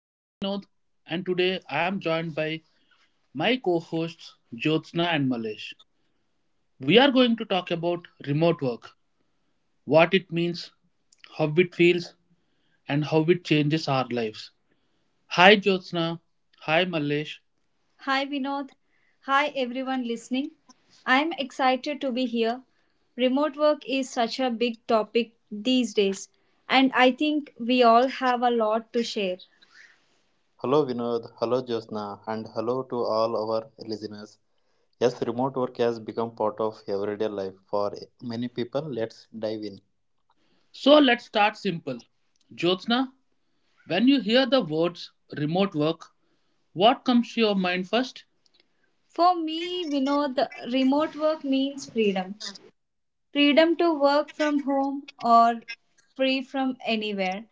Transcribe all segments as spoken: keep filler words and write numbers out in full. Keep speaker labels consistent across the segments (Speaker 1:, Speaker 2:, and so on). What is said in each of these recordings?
Speaker 1: I am Vinod, and today I am joined by my co hosts Jyotsna and Malesh. We are going to talk about remote work, what it means, how it feels, and how it changes our lives. Hi Jyotsna. Hi Mallesh. Hi Vinod. Hi everyone listening. I'm excited to be here. Remote work is such a big topic these days, and I think we all have a lot to share.
Speaker 2: Hello Vinod, hello Josna, and hello to all our listeners. Yes, remote work has become part of everyday life for many people. Let's dive in.
Speaker 1: So let's start simple. Jyotsna, when you hear the words remote work, what comes to your mind first? For me, Vinod, the remote work means freedom freedom to work from home or free from anywhere.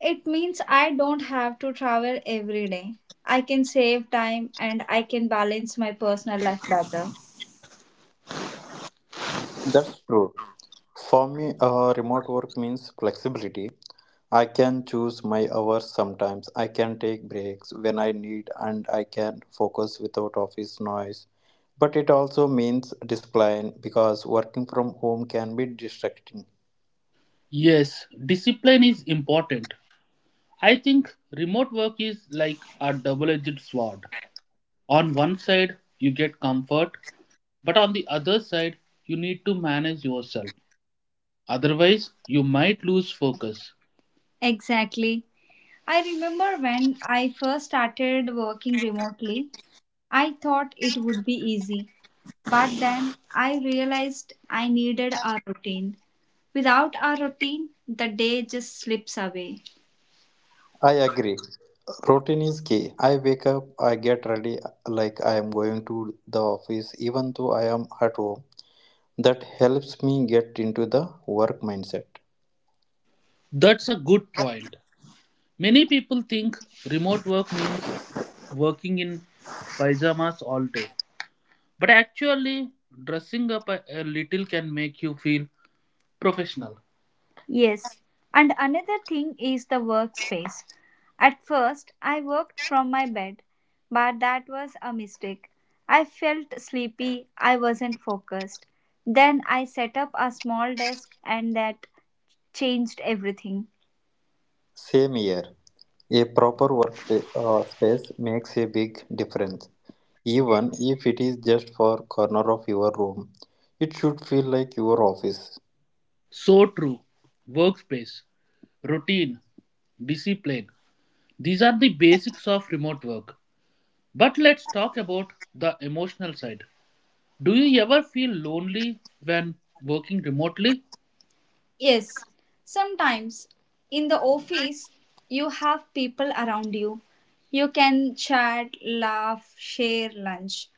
Speaker 1: It means I don't have to travel every day. I can save time and I can balance my personal life better.
Speaker 2: That's true. For me, uh, remote work means flexibility. I can choose my hours sometimes. I can take breaks when I need, and I can focus without office noise. But it also means discipline because working from home can be distracting.
Speaker 1: Yes, discipline is important. I think remote work is like a double edged sword. On one side, you get comfort, but on the other side, you need to manage yourself. Otherwise, you might lose focus. Exactly. I remember when I first started working remotely, I thought it would be easy. But then I realized I needed a routine. Without a routine, the day just slips away.
Speaker 2: I agree. Routine is key. I wake up, I get ready like I am going to the office, even though I am at home. That helps me get into the work mindset.
Speaker 1: That's a good point. Many people think remote work means working in pyjamas all day. But actually, dressing up a a little can make you feel professional. Yes, and another thing is the workspace. At first, I worked from my bed, but that was a mistake. I felt sleepy, I wasn't focused. Then I set up a small desk, and that changed everything.
Speaker 2: Same here. A proper work uh, space makes a big difference. Even if it is just for corner of your room, it should feel like your office.
Speaker 1: So true. Workspace, routine, discipline. These are the basics of remote work. But let's talk about the emotional side. Do you ever feel lonely when working remotely? Yes, sometimes in the office you have people around you. You can chat, laugh, share lunch.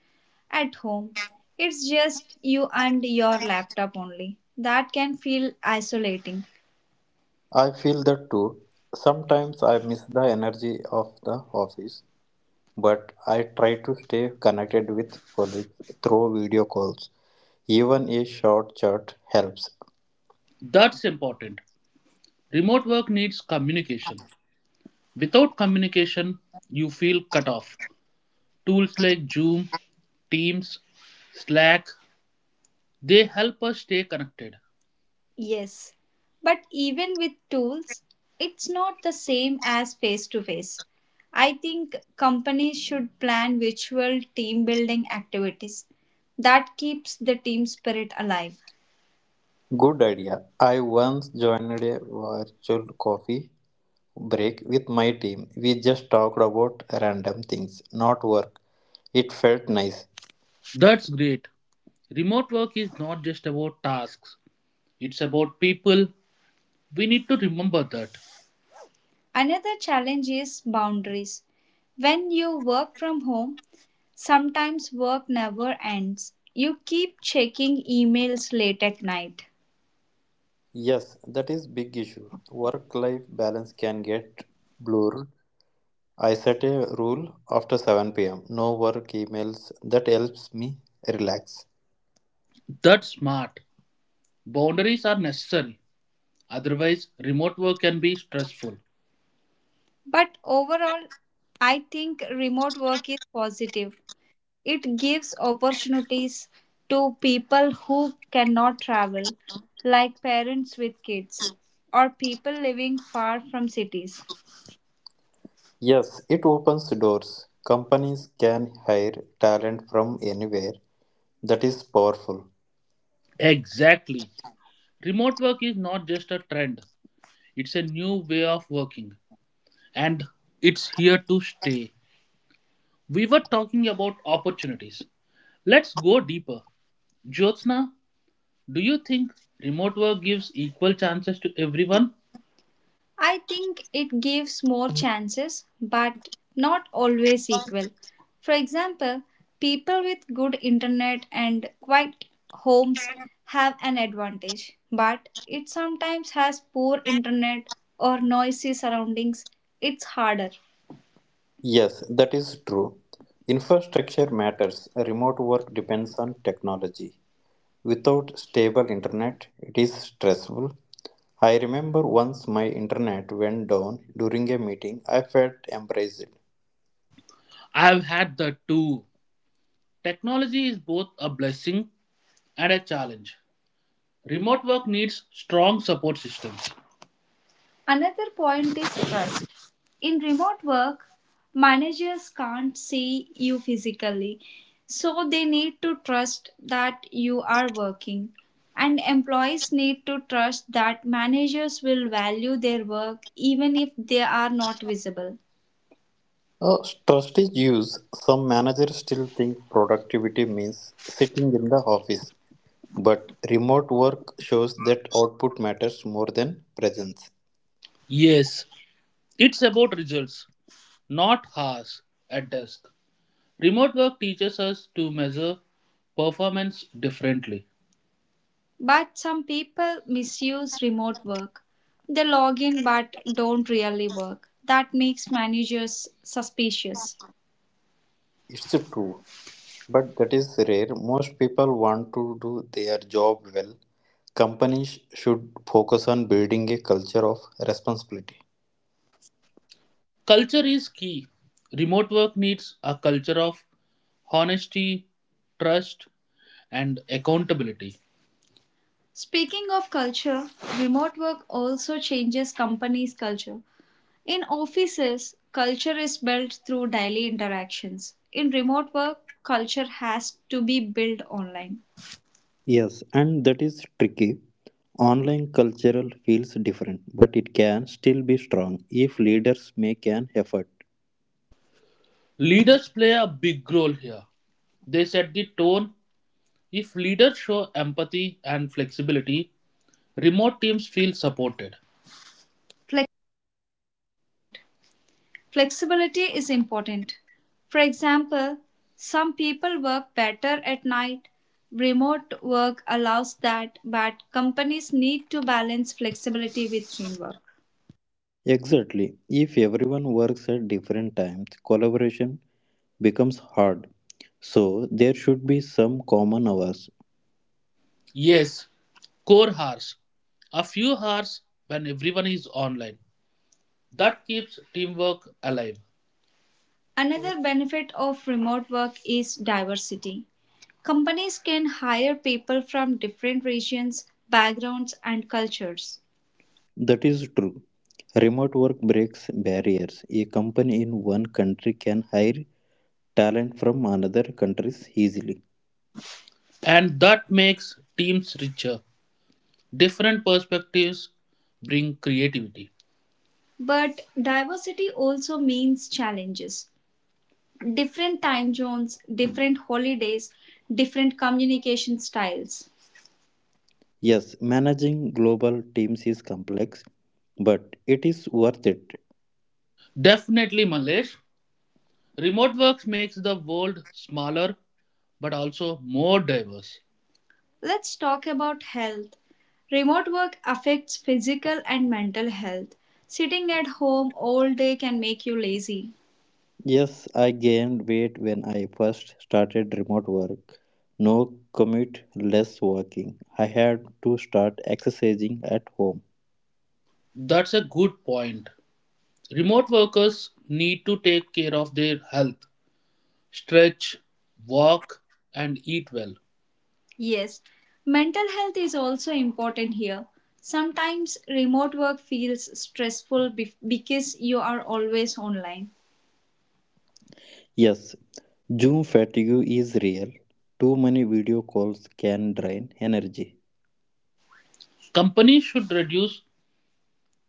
Speaker 1: At home, it's just you and your laptop only. That can feel isolating.
Speaker 2: I feel that too. Sometimes I miss the energy of the office, but I try to stay connected with colleagues through video calls. Even a short chat helps.
Speaker 1: That's important. Remote work needs communication. Without communication, you feel cut off. Tools like Zoom, Teams, Slack, they help us stay connected. Yes, but even with tools, it's not the same as face to face. I think companies should plan virtual team building activities. That keeps the team spirit alive.
Speaker 2: Good idea. I once joined a virtual coffee break with my team. We just talked about random things, not work. It felt nice.
Speaker 1: That's great. Remote work is not just about tasks, it's about people. We need to remember that. Another challenge is boundaries. When you work from home, sometimes work never ends. You keep checking emails late at night.
Speaker 2: Yes, that is big issue. Work life balance can get blurred. I set a rule after seven p m. No work emails. That helps me relax.
Speaker 1: That's smart. Boundaries are necessary. Otherwise, remote work can be stressful. But overall, I think remote work is positive. It gives opportunities to people who cannot travel, like parents with kids or people living far from cities.
Speaker 2: Yes, it opens doors. Companies can hire talent from anywhere. That is powerful.
Speaker 1: Exactly. Remote work is not just a trend, it's a new way of working, and it's here to stay. We were talking about opportunities. Let's go deeper. Jyotsna, do you think remote work gives equal chances to everyone? I think it gives more chances, but not always equal. For example, people with good internet and quiet homes have an advantage, but it sometimes has poor internet or noisy surroundings. It's harder.
Speaker 2: Yes, that is true. Infrastructure matters. Remote work depends on technology. Without stable internet, it is stressful. I remember once my internet went down during a meeting. I felt embarrassed.
Speaker 1: I've had the two. Technology is both a blessing and a challenge. Remote work needs strong support systems. Another point is trust. In remote work, managers can't see you physically, so they need to trust that you are working. And employees need to trust that managers will value their work even if they are not visible.
Speaker 2: Uh, trust is used. Some managers still think productivity means sitting in the office, but remote work shows that output matters more than presence.
Speaker 1: Yes, it's about results, not hours at desk. Remote work teaches us to measure performance differently. But some people misuse remote work. They log in but don't really work. That makes managers suspicious.
Speaker 2: It's true, but that is rare. Most people want to do their job well. Companies should focus on building a culture of responsibility.
Speaker 1: Culture is key. Remote work needs a culture of honesty, trust, and accountability. Speaking of culture, remote work also changes companies' culture. In offices, culture is built through daily interactions. In remote work, culture has to be built online.
Speaker 2: Yes, and that is tricky. Online cultural feels different, but it can still be strong if leaders make an effort.
Speaker 1: Leaders play a big role here. They set the tone. If leaders show empathy and flexibility, remote teams feel supported. Flexibility Flexibility is important. For example, some people work better at night. Remote work allows that, but companies need to balance flexibility with teamwork.
Speaker 2: Exactly. If everyone works at different times, collaboration becomes hard. So there should be some common hours.
Speaker 1: Yes, core hours. A few hours when everyone is online. That keeps teamwork alive. Another benefit of remote work is diversity. Companies can hire people from different regions, backgrounds, and cultures.
Speaker 2: That is true. Remote work breaks barriers. A company in one country can hire talent from another countries easily.
Speaker 1: And that makes teams richer. Different perspectives bring creativity. But diversity also means challenges. Different time zones, different holidays, different communication styles.
Speaker 2: Yes, managing global teams is complex, but it is worth it.
Speaker 1: Definitely, Malesh. Remote work makes the world smaller but also more diverse. Let's talk about health. Remote work affects physical and mental health. Sitting at home all day can make you lazy.
Speaker 2: Yes, I gained weight when I first started remote work. No commute, less walking. I had to start exercising at home.
Speaker 1: That's a good point. Remote workers need to take care of their health, stretch, walk, and eat well. Yes, mental health is also important here. Sometimes remote work feels stressful bef- because you are always online.
Speaker 2: Yes, Zoom fatigue is real. Too many video calls can drain energy.
Speaker 1: Companies should reduce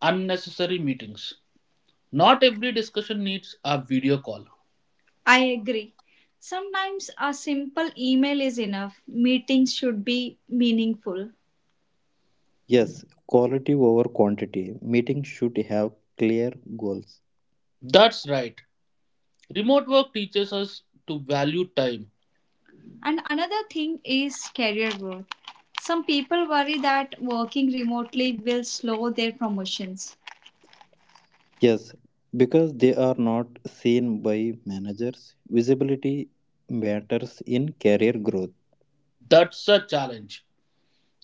Speaker 1: unnecessary meetings. Not every discussion needs a video call. I agree. Sometimes a simple email is enough. Meetings should be meaningful.
Speaker 2: Yes, quality over quantity. Meetings should have clear goals.
Speaker 1: That's right. Remote work teaches us to value time. And another thing is career growth. Some people worry that working remotely will slow their promotions.
Speaker 2: Yes, because they are not seen by managers, visibility matters in career growth.
Speaker 1: That's a challenge.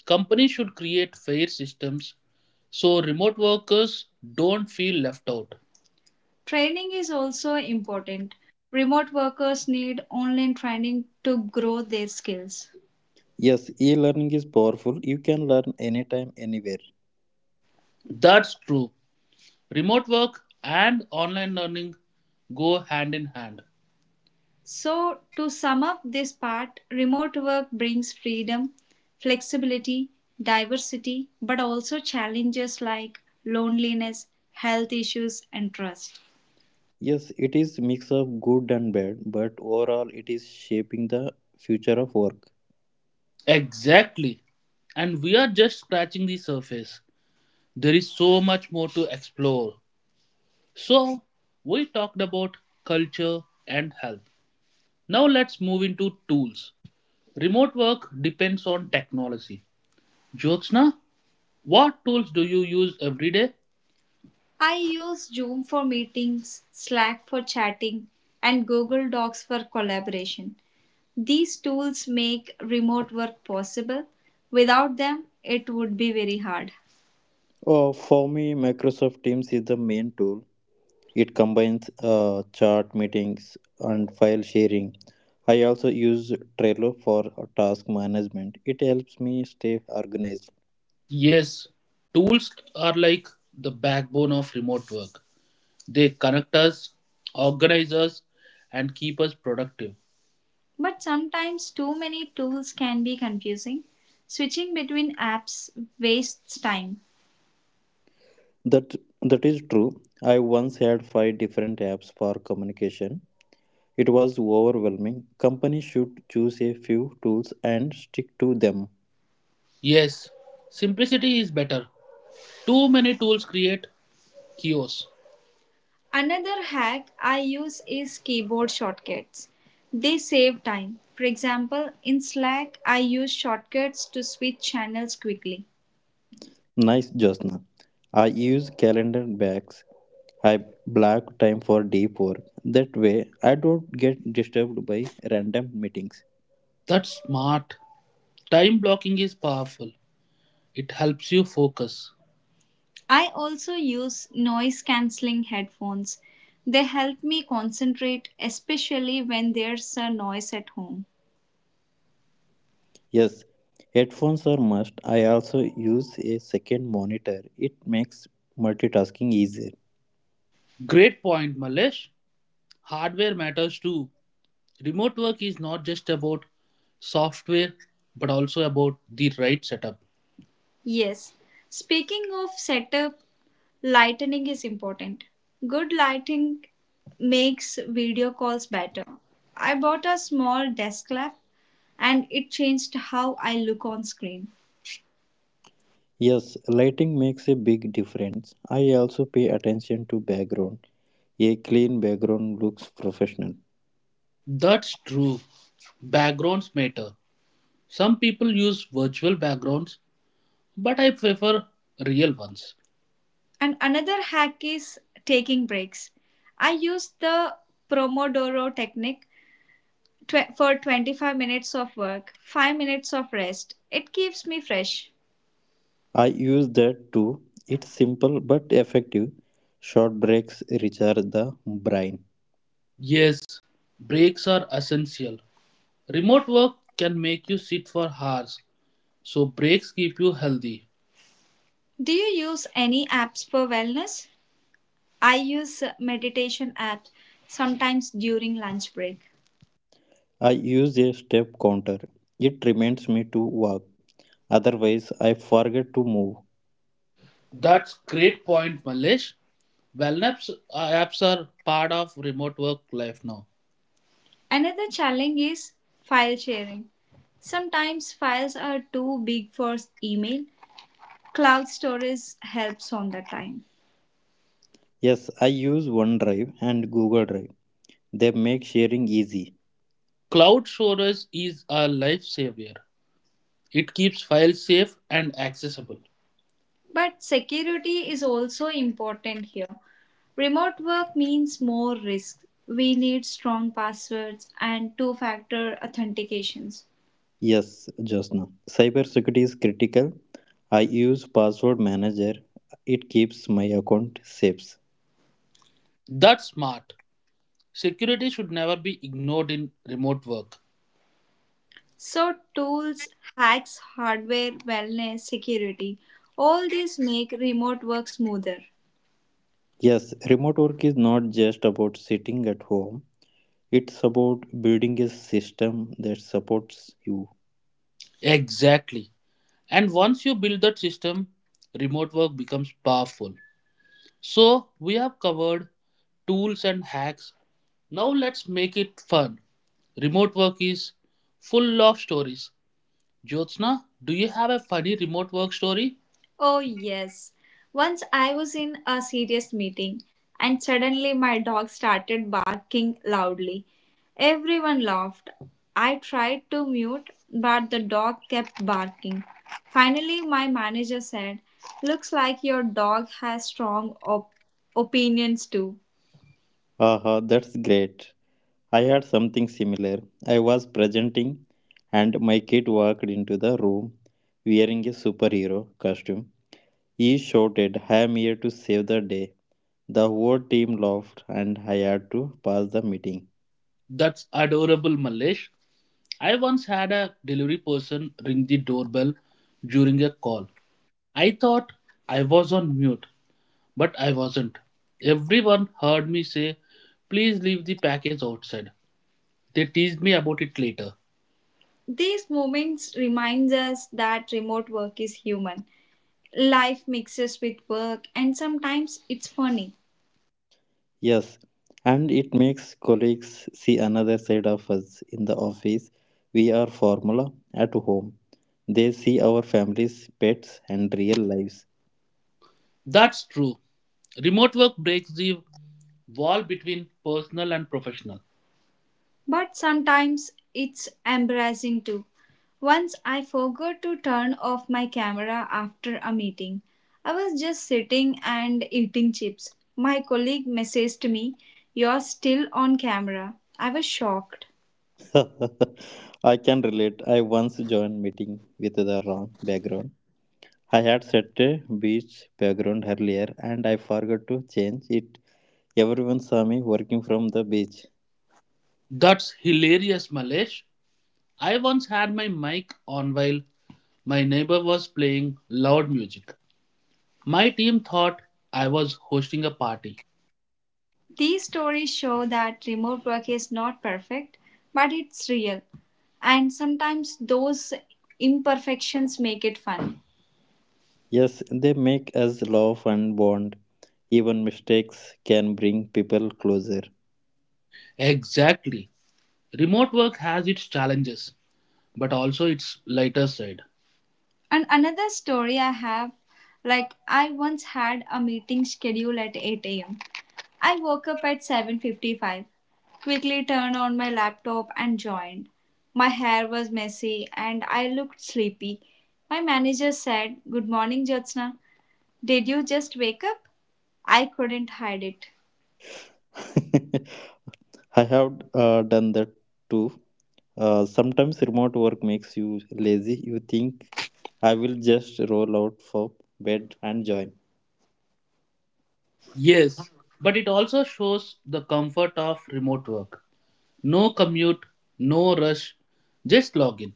Speaker 1: Companies should create fair systems so remote workers don't feel left out. Training is also important. Remote workers need online training to grow their skills.
Speaker 2: Yes, e-learning is powerful. You can learn anytime, anywhere.
Speaker 1: That's true. Remote work and online learning go hand in hand. So, to sum up this part, remote work brings freedom, flexibility, diversity, but also challenges like loneliness, health issues, and trust.
Speaker 2: Yes, it is mix of good and bad, but overall it is shaping the future of work.
Speaker 1: Exactly. And we are just scratching the surface. There is so much more to explore. So, we talked about culture and health. Now, let's move into tools. Remote work depends on technology. Jyotsna, what tools do you use every day? I use Zoom for meetings, Slack for chatting, and Google Docs for collaboration. These tools make remote work possible. Without them, it would be very hard.
Speaker 2: Uh, for me, Microsoft Teams is the main tool. It combines uh, chat meetings and file sharing. I also use Trello for task management. It helps me stay organized.
Speaker 1: Yes, tools are like the backbone of remote work. They connect us, organize us, and keep us productive. But sometimes too many tools can be confusing. Switching between apps wastes time.
Speaker 2: That that is true. I once had five different apps for communication. It was overwhelming. Companies should choose a few tools and stick to them.
Speaker 1: Yes, simplicity is better. Too many tools create chaos. Another hack I use is keyboard shortcuts. They save time. For example, in Slack, I use shortcuts to switch channels quickly.
Speaker 2: Nice, Josna. I use calendar bags. I block time for deep work. That way, I don't get disturbed by random meetings.
Speaker 1: That's smart. Time blocking is powerful. It helps you focus. I also use noise cancelling headphones. They help me concentrate, especially when there's a noise at home.
Speaker 2: Yes, headphones are must. I also use a second monitor. It makes multitasking easier.
Speaker 1: Great point, Malesh. Hardware matters too. Remote work is not just about software, but also about the right setup. Yes. Speaking of setup, lighting is important. Good lighting makes video calls better. I bought a small desk lamp and it changed how I look on screen.
Speaker 2: Yes, lighting makes a big difference. I also pay attention to background. A clean background looks professional.
Speaker 1: That's true. Backgrounds matter. Some people use virtual backgrounds, but I prefer real ones. And another hack is taking breaks. I use the Pomodoro technique tw- for twenty-five minutes of work, five minutes of rest. It keeps me fresh.
Speaker 2: I use that too. It's simple but effective. Short breaks recharge the brain.
Speaker 1: Yes, breaks are essential. Remote work can make you sit for hours, so breaks keep you healthy. Do you use any apps for wellness? I use meditation app sometimes during lunch break.
Speaker 2: I use a step counter. It reminds me to walk. Otherwise, I forget to move.
Speaker 1: That's great point, Malish. Wellness uh, apps are part of remote work life now. Another challenge is file sharing. Sometimes files are too big for email. Cloud storage helps on the time.
Speaker 2: Yes, I use OneDrive and Google Drive. They make sharing easy.
Speaker 1: Cloud storage is a lifesaver. It keeps files safe and accessible. But security is also important here. Remote work means more risk. We need strong passwords and two factor authentications.
Speaker 2: Yes, Josna. Cybersecurity is critical. I use password manager. It keeps my account safe.
Speaker 1: That's smart. Security should never be ignored in remote work. So, tools, hacks, hardware, wellness, security, all these make remote work smoother.
Speaker 2: Yes, remote work is not just about sitting at home. It's about building a system that supports you.
Speaker 1: Exactly. And once you build that system, remote work becomes powerful. So, we have covered tools and hacks. Now, let's make it fun. Remote work is full of stories. Jyotsna, do you have a funny remote work story? Oh, yes. Once I was in a serious meeting and suddenly my dog started barking loudly. Everyone laughed. I tried to mute, but the dog kept barking. Finally, my manager said, "Looks like your dog has strong op- opinions too."
Speaker 2: Aha, that's great. I had something similar. I was presenting and my kid walked into the room wearing a superhero costume. He shouted, I am here to save the day. The whole team laughed and I had to pass the meeting.
Speaker 1: That's adorable, Malesh. I once had a delivery person ring the doorbell during a call. I thought I was on mute, but I wasn't. Everyone heard me say, "Please leave the package outside." They teased me about it later. These moments reminds us that remote work is human. Life mixes with work and sometimes it's funny.
Speaker 2: Yes, and it makes colleagues see another side of us. In the office, we are formula. At home, they see our families, pets, and real lives.
Speaker 1: That's true. Remote work breaks the wall between personal and professional. But sometimes it's embarrassing too. Once I forgot to turn off my camera after a meeting. I was just sitting and eating chips. My colleague messaged me, "You're still on camera." I was shocked.
Speaker 2: I can relate. I once joined meeting with the wrong background. I had set a beach background earlier and I forgot to change it. Everyone saw me working from the beach.
Speaker 1: That's hilarious, Malesh. I once had my mic on while my neighbor was playing loud music. My team thought I was hosting a party. These stories show that remote work is not perfect, but it's real. And sometimes those imperfections make it fun.
Speaker 2: Yes, they make us love and bond. Even mistakes can bring people closer.
Speaker 1: Exactly. Remote work has its challenges, but also its lighter side. And another story I have like, I once had a meeting scheduled at eight a m. I woke up at seven fifty-five, quickly turned on my laptop and joined. My hair was messy and I looked sleepy. My manager said, "Good morning, Jyotsna. Did you just wake up?" I couldn't hide it.
Speaker 2: I have uh, done that too. Uh, sometimes remote work makes you lazy. You think I will just roll out for bed and join.
Speaker 1: Yes, but it also shows the comfort of remote work. No commute, no rush, just log in.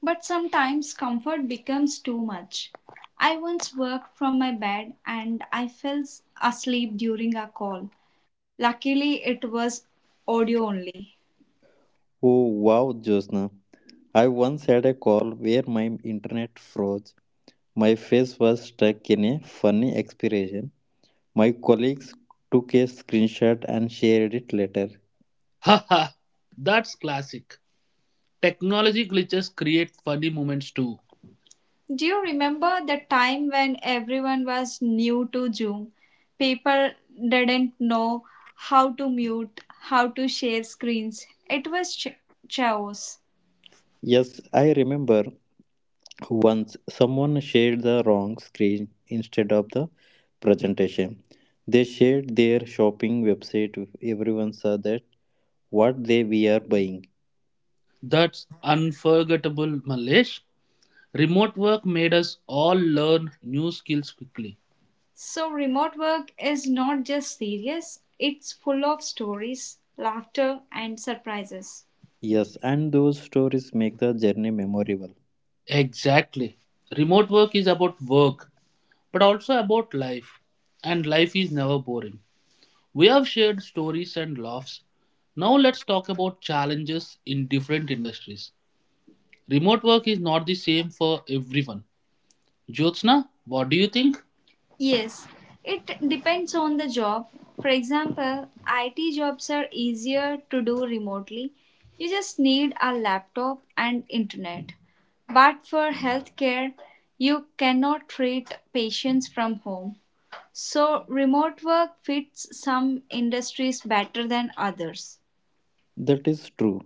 Speaker 1: But sometimes comfort becomes too much. I once worked from my bed and I fell asleep during a call. Luckily, it was audio only.
Speaker 2: Oh wow, Josna. I once had a call where my internet froze. My face was stuck in a funny expression. My colleagues took a screenshot and shared it later.
Speaker 1: Haha, that's classic. Technology glitches create funny moments too. Do you remember the time when everyone was new to Zoom? People didn't know how to mute, how to share screens. It was ch- chaos.
Speaker 2: Yes, I remember. Once someone shared the wrong screen instead of the presentation. They shared their shopping website. Everyone saw that what they we are buying.
Speaker 1: That's unforgettable, Malesh. Remote work made us all learn new skills quickly. So, remote work is not just serious, it's full of stories, laughter, and surprises.
Speaker 2: Yes, and those stories make the journey memorable.
Speaker 1: Exactly. Remote work is about work, but also about life. And life is never boring. We have shared stories and laughs. Now let's talk about challenges in different industries. Remote work is not the same for everyone. Jyotsna, what do you think? Yes, it depends on the job. For example, I T jobs are easier to do remotely. You just need a laptop and internet. But for healthcare, you cannot treat patients from home. So, remote work fits some industries better than others.
Speaker 2: That is true.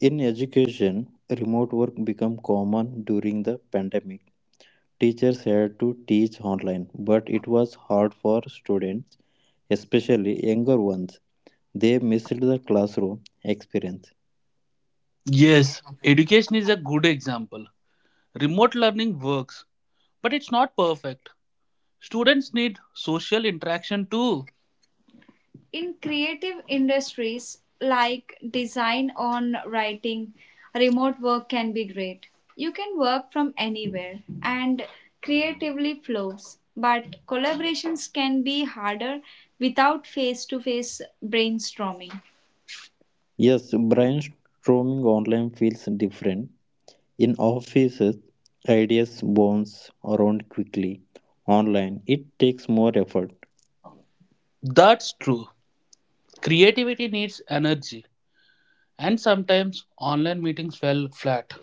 Speaker 2: In education, remote work became common during the pandemic. Teachers had to teach online, but it was hard for students, especially younger ones. They missed the classroom experience.
Speaker 1: Yes, education is a good example. Remote learning works, but it's not perfect. Students need social interaction too. In creative industries like design or writing, remote work can be great. You can work from anywhere and creatively flows, but collaborations can be harder without face to face brainstorming.
Speaker 2: Yes, brainstorming online feels different. In offices, ideas bounce around quickly. Online, it takes more effort.
Speaker 1: That's true. Creativity needs energy, and sometimes online meetings fell flat.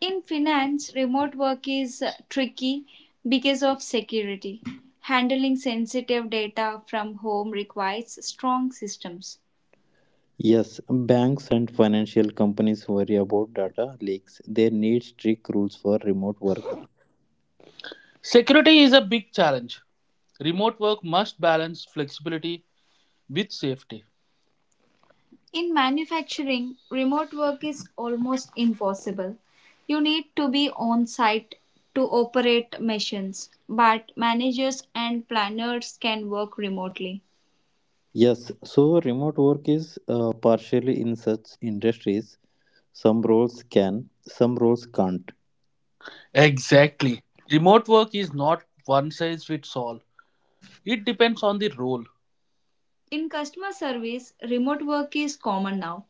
Speaker 1: In finance, remote work is uh, tricky because of security. Handling sensitive data from home requires strong systems.
Speaker 2: Yes, banks and financial companies worry about data leaks. They need strict rules for remote work.
Speaker 1: Security is a big challenge. Remote work must balance flexibility with safety. In manufacturing, remote work is almost impossible. You need to be on site to operate machines, but managers and planners can work remotely.
Speaker 2: Yes, so remote work is uh, partially in such industries. Some roles can, some roles can't.
Speaker 1: Exactly. Remote work is not one size fits all. It depends on the role. In customer service, remote work is common now.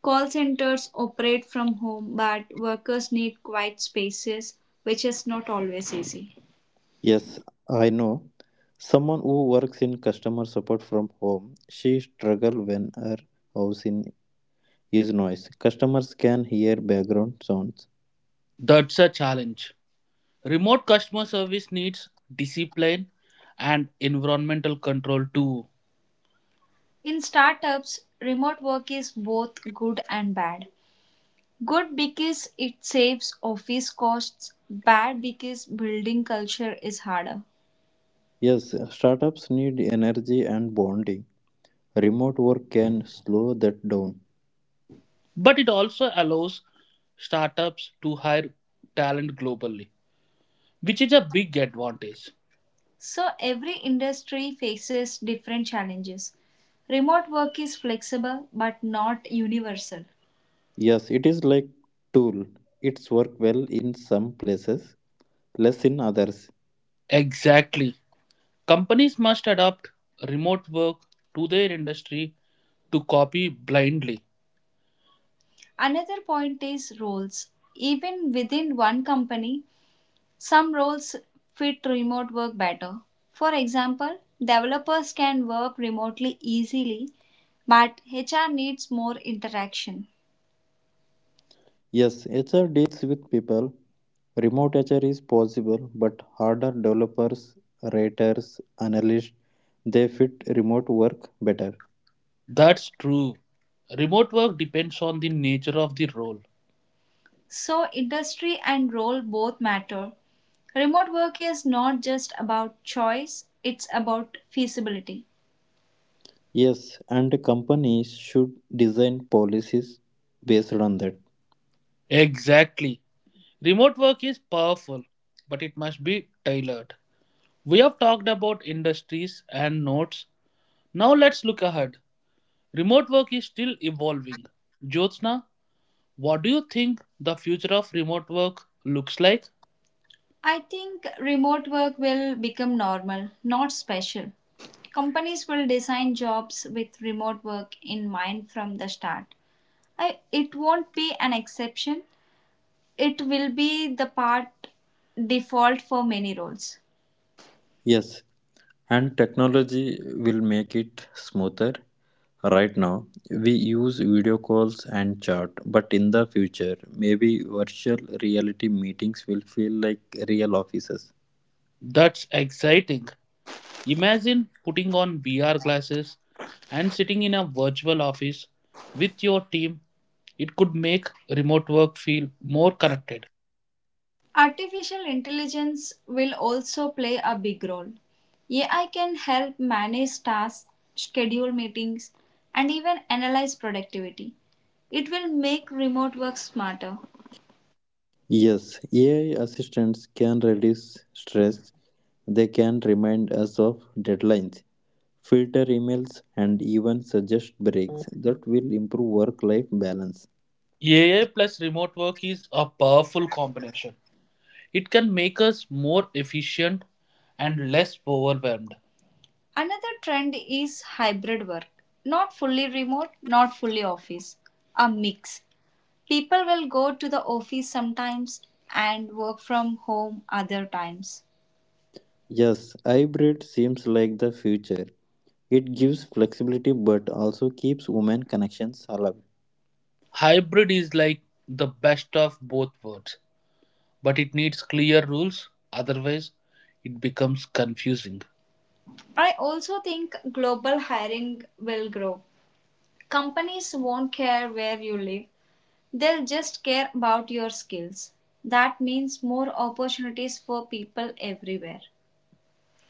Speaker 1: Call centers operate from home, but workers need quiet spaces, which is not always easy.
Speaker 2: Yes, I know. Someone who works in customer support from home, she struggles when her house in is noise. Customers can hear background sounds.
Speaker 1: That's a challenge. Remote customer service needs discipline and environmental control too. In startups, remote work is both good and bad. Good because it saves office costs, bad because building culture is harder.
Speaker 2: Yes, startups need energy and bonding. Remote work can slow that down.
Speaker 1: But it also allows startups to hire talent globally, which is a big advantage. So every industry faces different challenges. Remote work is flexible but not universal.
Speaker 2: Yes, it is like tool. It's work well in some places, less in others.
Speaker 1: Exactly. Companies must adapt remote work to their industry to copy blindly. Another point is roles. Even within one company, some roles fit remote work better. For example, developers can work remotely easily, but H R needs more interaction.
Speaker 2: Yes, H R deals with people. Remote H R is possible, but harder developers, writers, analysts, they fit remote work better.
Speaker 1: That's true. Remote work depends on the nature of the role. So, industry and role both matter. Remote work is not just about choice, it's about feasibility.
Speaker 2: Yes, and companies should design policies based on that.
Speaker 1: Exactly. Remote work is powerful, but it must be tailored. We have talked about industries and nodes. Now let's look ahead. Remote work is still evolving. Jyotsna, what do you think the future of remote work looks like? I think remote work will become normal, not special. Companies will design jobs with remote work in mind from the start. I, it won't be an exception. It will be the part default for many roles.
Speaker 2: Yes, and technology will make it smoother. Right now, we use video calls and chat, but in the future, maybe virtual reality meetings will feel like real offices.
Speaker 1: That's exciting. Imagine putting on V R glasses and sitting in a virtual office with your team. It could make remote work feel more connected. Artificial intelligence will also play a big role. A I can help manage tasks, schedule meetings, and even analyze productivity. It will make remote work smarter.
Speaker 2: Yes, A I assistants can reduce stress. They can remind us of deadlines, filter emails, and even suggest breaks that will improve work life balance.
Speaker 1: A I plus remote work is a powerful combination. It can make us more efficient and less overwhelmed. Another trend is hybrid work. Not fully remote, not fully office. A mix. People will go to the office sometimes and work from home other times.
Speaker 2: Yes, hybrid seems like the future. It gives flexibility but also keeps women connections alive.
Speaker 1: Hybrid is like the best of both worlds, but it needs clear rules, otherwise, it becomes confusing. I also think global hiring will grow. Companies won't care where you live, they'll just care about your skills. That means more opportunities for people everywhere.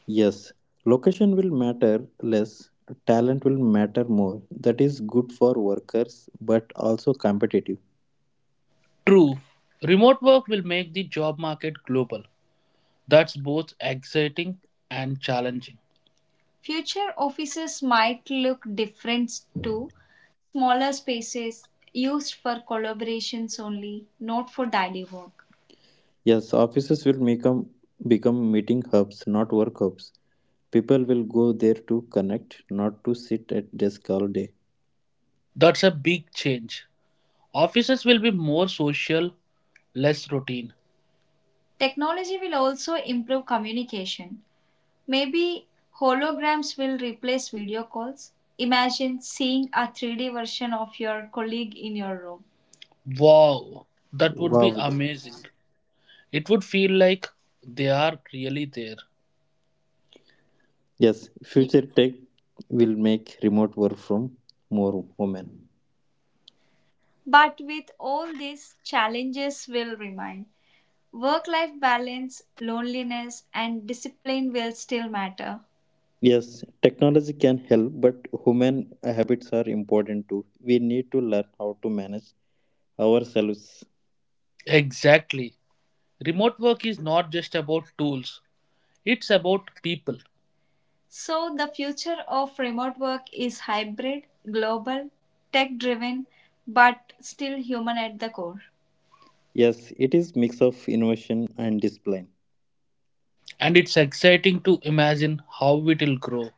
Speaker 2: Yes, location will matter less, talent will matter more. That is good for workers but also competitive.
Speaker 1: True, remote work will make the job market global. That's both exciting and challenging. Future offices might look different too. Smaller spaces used for collaborations only, not for daily work.
Speaker 2: Yes, offices will become become meeting hubs, not work hubs. People will go there to connect, not to sit at desk all day.
Speaker 1: That's a big change. Offices will be more social, less routine. Technology will also improve communication. Maybe holograms will replace video calls. Imagine seeing a three D version of your colleague in your room. Wow, that would
Speaker 2: Wow.
Speaker 1: be
Speaker 2: th-
Speaker 1: amazing. It would feel like they are really there.
Speaker 2: Yes,
Speaker 1: Ye-
Speaker 2: future tech will make remote work from more women.
Speaker 1: But with all these challenges will remain. Work life balance, loneliness, and discipline will still matter.
Speaker 2: Yes, technology can help, but human habits are important too. We need to learn how to manage ourselves.
Speaker 1: Exactly. Remote work is not just about tools, it's about people. So, the future of remote work is hybrid, global, tech driven, but still human at the core.
Speaker 2: Yes, it is mix of innovation and discipline.
Speaker 1: And it's exciting to imagine how it will grow.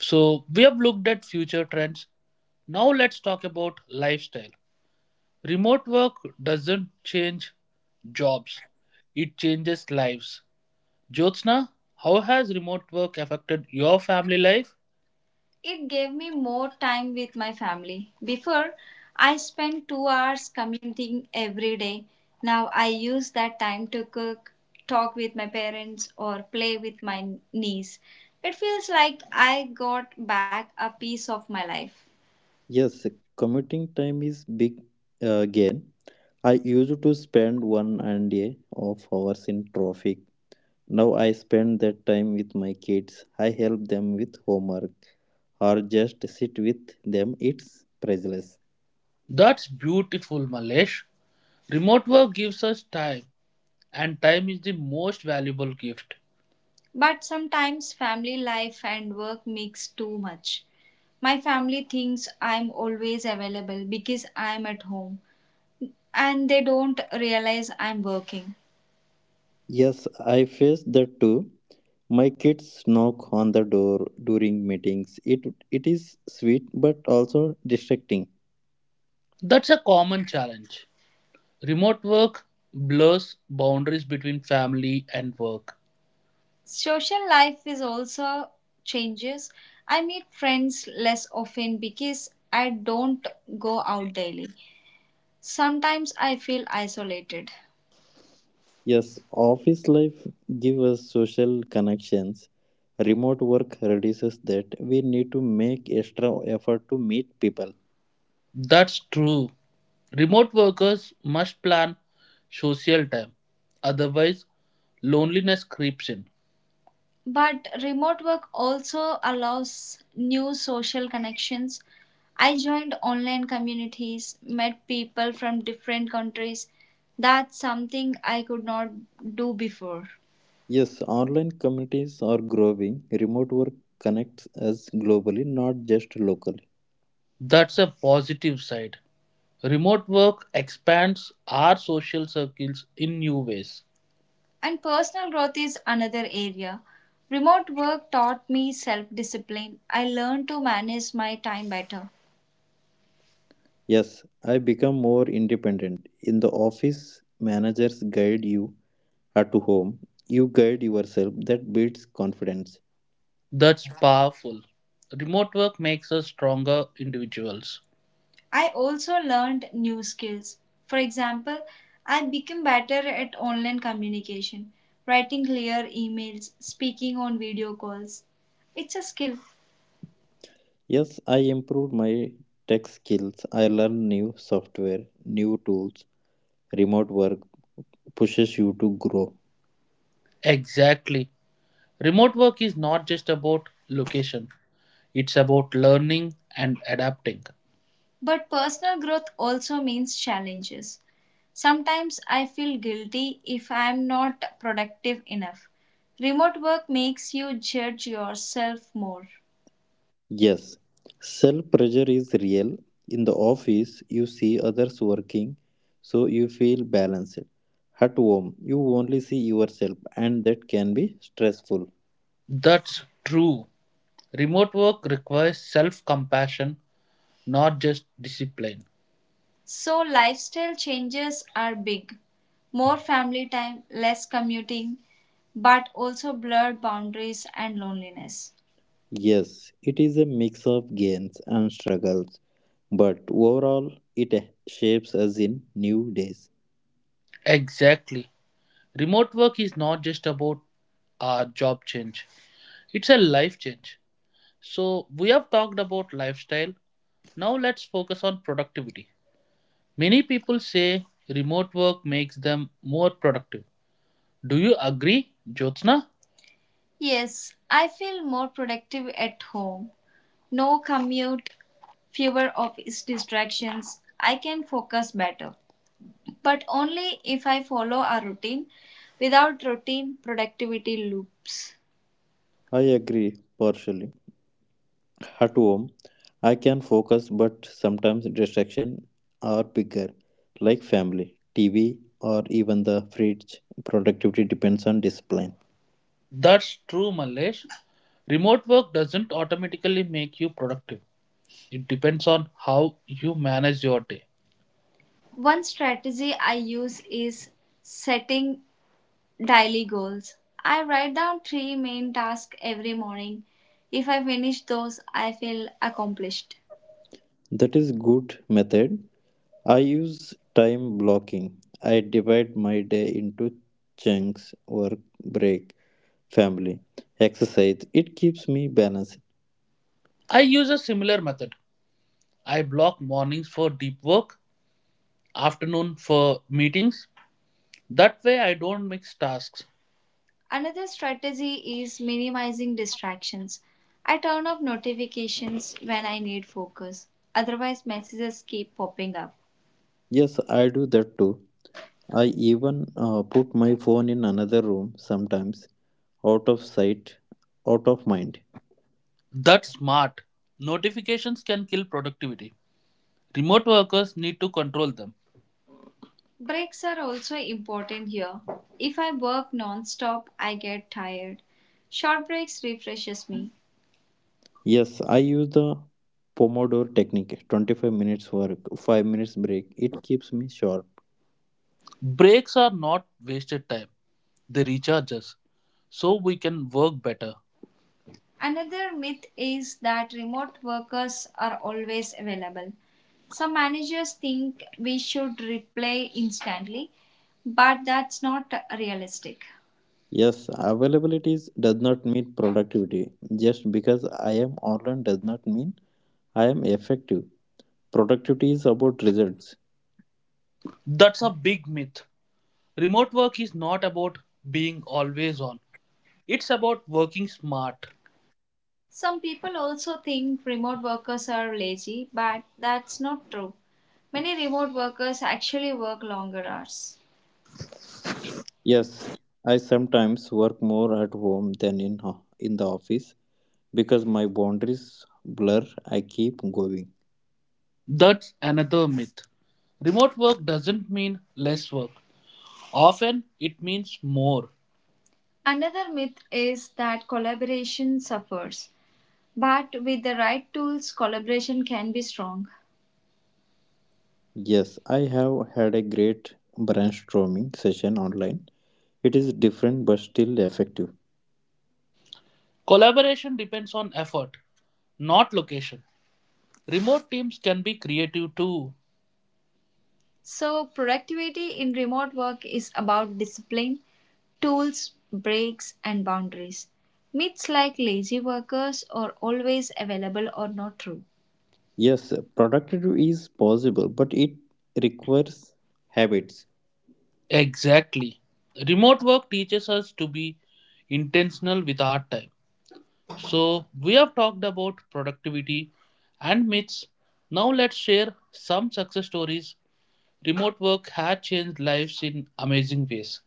Speaker 1: So, we have looked at future trends. Now, let's talk about lifestyle. Remote work doesn't change jobs, it changes lives. Jyotsna, how has remote work affected your family life? It gave me more time with my family. Before, I spent two hours commuting every day. Now I use that time to cook, talk with my parents, or play with my niece. It feels like I got back a piece of my life.
Speaker 2: Yes, commuting time is big uh, gain. I used to spend one and a half hours in traffic. Now I spend that time with my kids. I help them with homework or just sit with them. It's priceless.
Speaker 1: That's beautiful, Malesh. Remote work gives us time, and time is the most valuable gift. But sometimes family life and work mix too much. My family thinks I'm always available because I'm at home and they don't realize I'm working.
Speaker 2: Yes, I face that too. My kids knock on the door during meetings. It it is sweet but also distracting.
Speaker 1: That's a common challenge. Remote work blurs boundaries between family and work. Social life is also changes. I meet friends less often because I don't go out daily. Sometimes I feel isolated.
Speaker 2: Yes, office life gives us social connections. Remote work reduces that. We need to make extra effort to meet people.
Speaker 1: That's true. Remote workers must plan social time, otherwise, loneliness creeps in. But remote work also allows new social connections. I joined online communities, met people from different countries. That's something I could not do before.
Speaker 2: Yes, online communities are growing. Remote work connects us globally, not just locally.
Speaker 1: That's a positive side. Remote work expands our social circles in new ways. And personal growth is another area. Remote work taught me self discipline. I learned to manage my time better.
Speaker 2: Yes, I become more independent. In the office, managers guide you. At home, you guide yourself. That builds confidence.
Speaker 1: That's powerful. Remote work makes us stronger individuals. I also learned new skills. For example, I became better at online communication, writing clear emails, speaking on video calls. It's a skill.
Speaker 2: Yes, I improved my tech skills. I learn new software, new tools. Remote work pushes you to grow.
Speaker 1: Exactly. Remote work is not just about location, it's about learning and adapting. But personal growth also means challenges. Sometimes I feel guilty if I am not productive enough. Remote work makes you judge yourself more.
Speaker 2: Yes, self pressure is real. In the office, you see others working, so you feel balanced. At home, you only see yourself, and that can be stressful.
Speaker 1: That's true. Remote work requires self compassion, not just discipline. So, lifestyle changes are big. More family time, less commuting, but also blurred boundaries and loneliness.
Speaker 2: Yes, it is a mix of gains and struggles, but overall, it shapes us in new days.
Speaker 1: Exactly. Remote work is not just about a job change, it's a life change. So, we have talked about lifestyle. Now, let's focus on productivity. Many people say remote work makes them more productive. Do you agree, Jyotsna? Yes, I feel more productive at home. No commute, fewer office distractions. I can focus better, but only if I follow a routine. Without routine, productivity loops.
Speaker 2: I agree partially. At home, I can focus, but sometimes distractions are bigger, like family, T V, or even the fridge. Productivity depends on discipline.
Speaker 1: That's true, Malesh. Remote work doesn't automatically make you productive. It depends on how you manage your day. One strategy I use is setting daily goals. I write down three main tasks every morning. If I finish those, I feel accomplished.
Speaker 2: That is good method. I use time blocking. I divide my day into chunks, work, break, family, exercise. It keeps me balanced.
Speaker 1: I use a similar method. I block mornings for deep work afternoon for meetings. That way, I don't mix tasks. Another strategy is minimizing distractions. I turn off notifications when I need focus, otherwise, messages keep popping up.
Speaker 2: Yes, I do that too. I even uh, put my phone in another room sometimes, out of sight, out of mind.
Speaker 1: That's smart. Notifications can kill productivity. Remote workers need to control them. Breaks are also important here. If I work non-stop, I get tired. Short breaks refreshes me.
Speaker 2: Yes, I use the Pomodoro technique, twenty-five minutes work, five minutes break. It keeps me sharp.
Speaker 1: Breaks are not wasted time, they recharge us so we can work better. Another myth is that remote workers are always available. Some managers think we should reply instantly, but that's not realistic.
Speaker 2: Yes, availability is- does not mean productivity. Just because I am online does not mean I am effective. Productivity is about results.
Speaker 1: That's a big myth. Remote work is not about being always on, it's about working smart. Some people also think remote workers are lazy, but that's not true. Many remote workers actually work longer hours.
Speaker 2: Yes, I sometimes work more at home than in ho- in the office. Because my boundaries blur, I keep going.
Speaker 1: That's another myth. Remote work doesn't mean less work. Often it means more. Another myth is that collaboration suffers, but with the right tools, collaboration can be strong.
Speaker 2: Yes, I have had a great brainstorming session online. It is different but still effective.
Speaker 1: Collaboration depends on effort, not location. Remote teams can be creative too. So, productivity in remote work is about discipline, tools, breaks, and boundaries. Myths like lazy workers are always available are not true.
Speaker 2: Yes, productive is possible, but it requires habits.
Speaker 1: Exactly. Remote work teaches us to be intentional with our time. So, we have talked about productivity and myths. Now, let's share some success stories. Remote work has changed lives in amazing ways.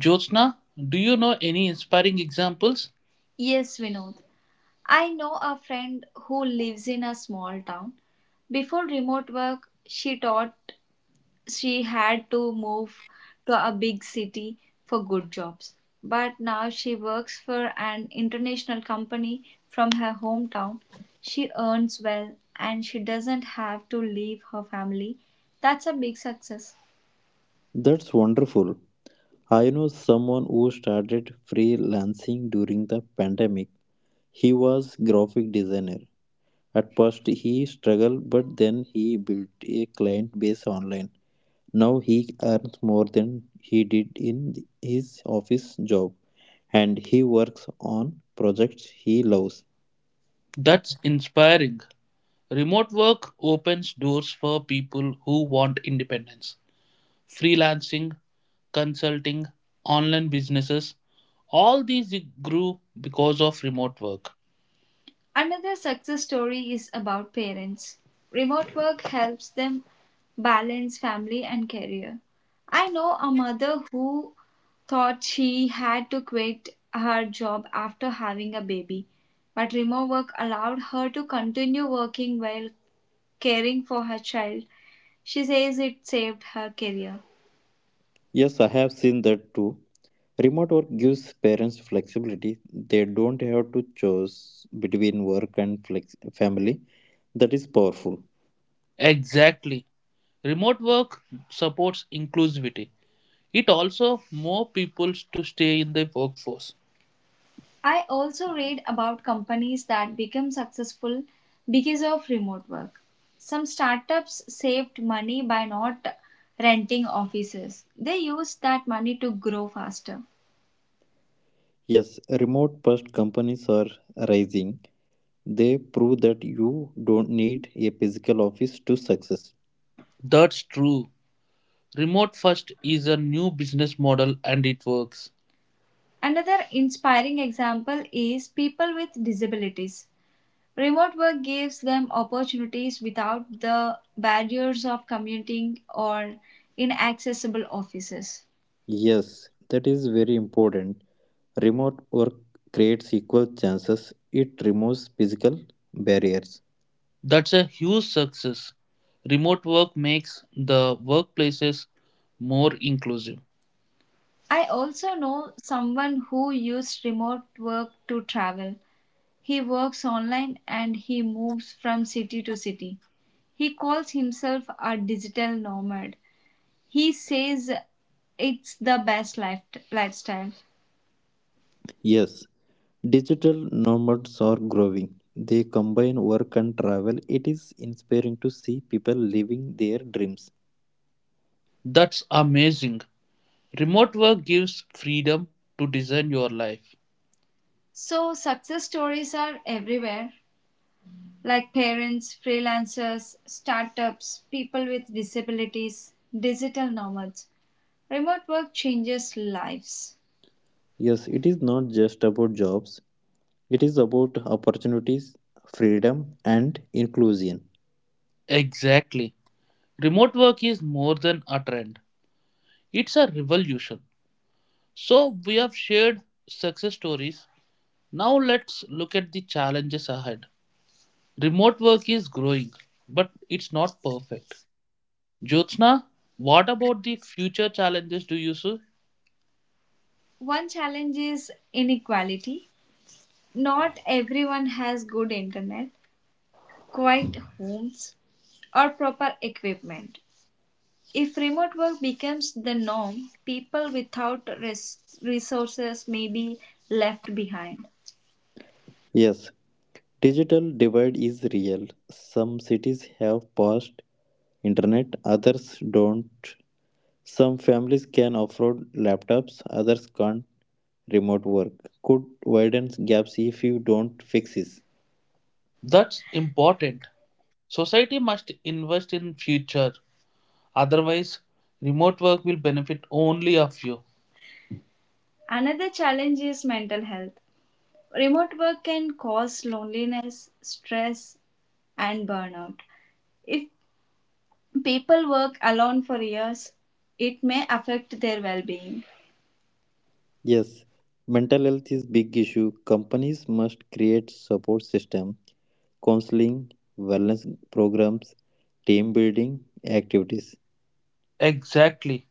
Speaker 1: Jyotsna, do you know any inspiring examples? Yes, Vinod. I know a friend who lives in a small town. Before remote work, she thought she had to move to a big city for good jobs. But now she works for an international company from her hometown. She earns well and she doesn't have to leave her family. That's a big success.
Speaker 2: That's wonderful. I know someone who started freelancing during the pandemic. He was graphic designer. At first he struggled but then he built a client base online. Now he earns more than he did in th- his office job, and he works on projects he loves.
Speaker 1: That's inspiring. Remote work opens doors for people who want independence. Freelancing, consulting, online businesses, all these grew because of remote work. Another success story is about parents. Remote work helps them balance family and career. I know a mother who thought she had to quit her job after having a baby, but remote work allowed her to continue working while caring for her child. She says it saved her career.
Speaker 2: Yes, I have seen that too. Remote work gives parents flexibility. They don't have to choose between work and flex- family. That is powerful.
Speaker 1: Exactly. Remote work supports inclusivity. It also more people to stay in the workforce. I also read about companies that become successful because of remote work. Some startups saved money by not renting offices. They used that money to grow faster.
Speaker 2: Yes, remote first companies are rising. They prove that you don't need a physical office to success.
Speaker 1: That's true. Remote first is a new business model and it works. Another inspiring example is people with disabilities. Remote work gives them opportunities without the barriers of commuting or inaccessible offices.
Speaker 2: Yes, that is very important. Remote work creates equal chances, it removes physical barriers.
Speaker 1: That's a huge success. Remote work makes the workplaces more inclusive. I also know someone who used remote work to travel. He works online and he moves from city to city. He calls himself a digital nomad. He says it's the best life, lifestyle.
Speaker 2: Yes, digital nomads are growing. They combine work and travel. It is inspiring to see people living their dreams.
Speaker 1: That's amazing. Remote work gives freedom to design your life. So, success stories are everywhere like parents, freelancers, startups, people with disabilities, digital nomads. Remote work changes lives.
Speaker 2: Yes, it is not just about jobs, it is about opportunities, freedom, and inclusion.
Speaker 1: Exactly. Remote work is more than a trend, it's a revolution. So, we have shared success stories. Now, let's look at the challenges ahead. Remote work is growing, but it's not perfect. Jyotsna, what about the future challenges do you see? One challenge is inequality. Not everyone has good internet, quiet homes, or proper equipment. If remote work becomes the norm, people without res- resources may be left behind.
Speaker 2: Yes, digital divide is real. Some cities have fast internet, others don't. Some families can afford laptops, others can't. Remote work could widen gaps if you don't fix it.
Speaker 1: That's important. Society must invest in future. Otherwise, remote work will benefit only a few. Another challenge is mental health. Remote work can cause loneliness, stress, and burnout. If people work alone for years, it may affect their well being.
Speaker 2: Yes, mental health is big issue. Companies must create support system, counseling, wellness programs, team building activities.
Speaker 1: Exactly.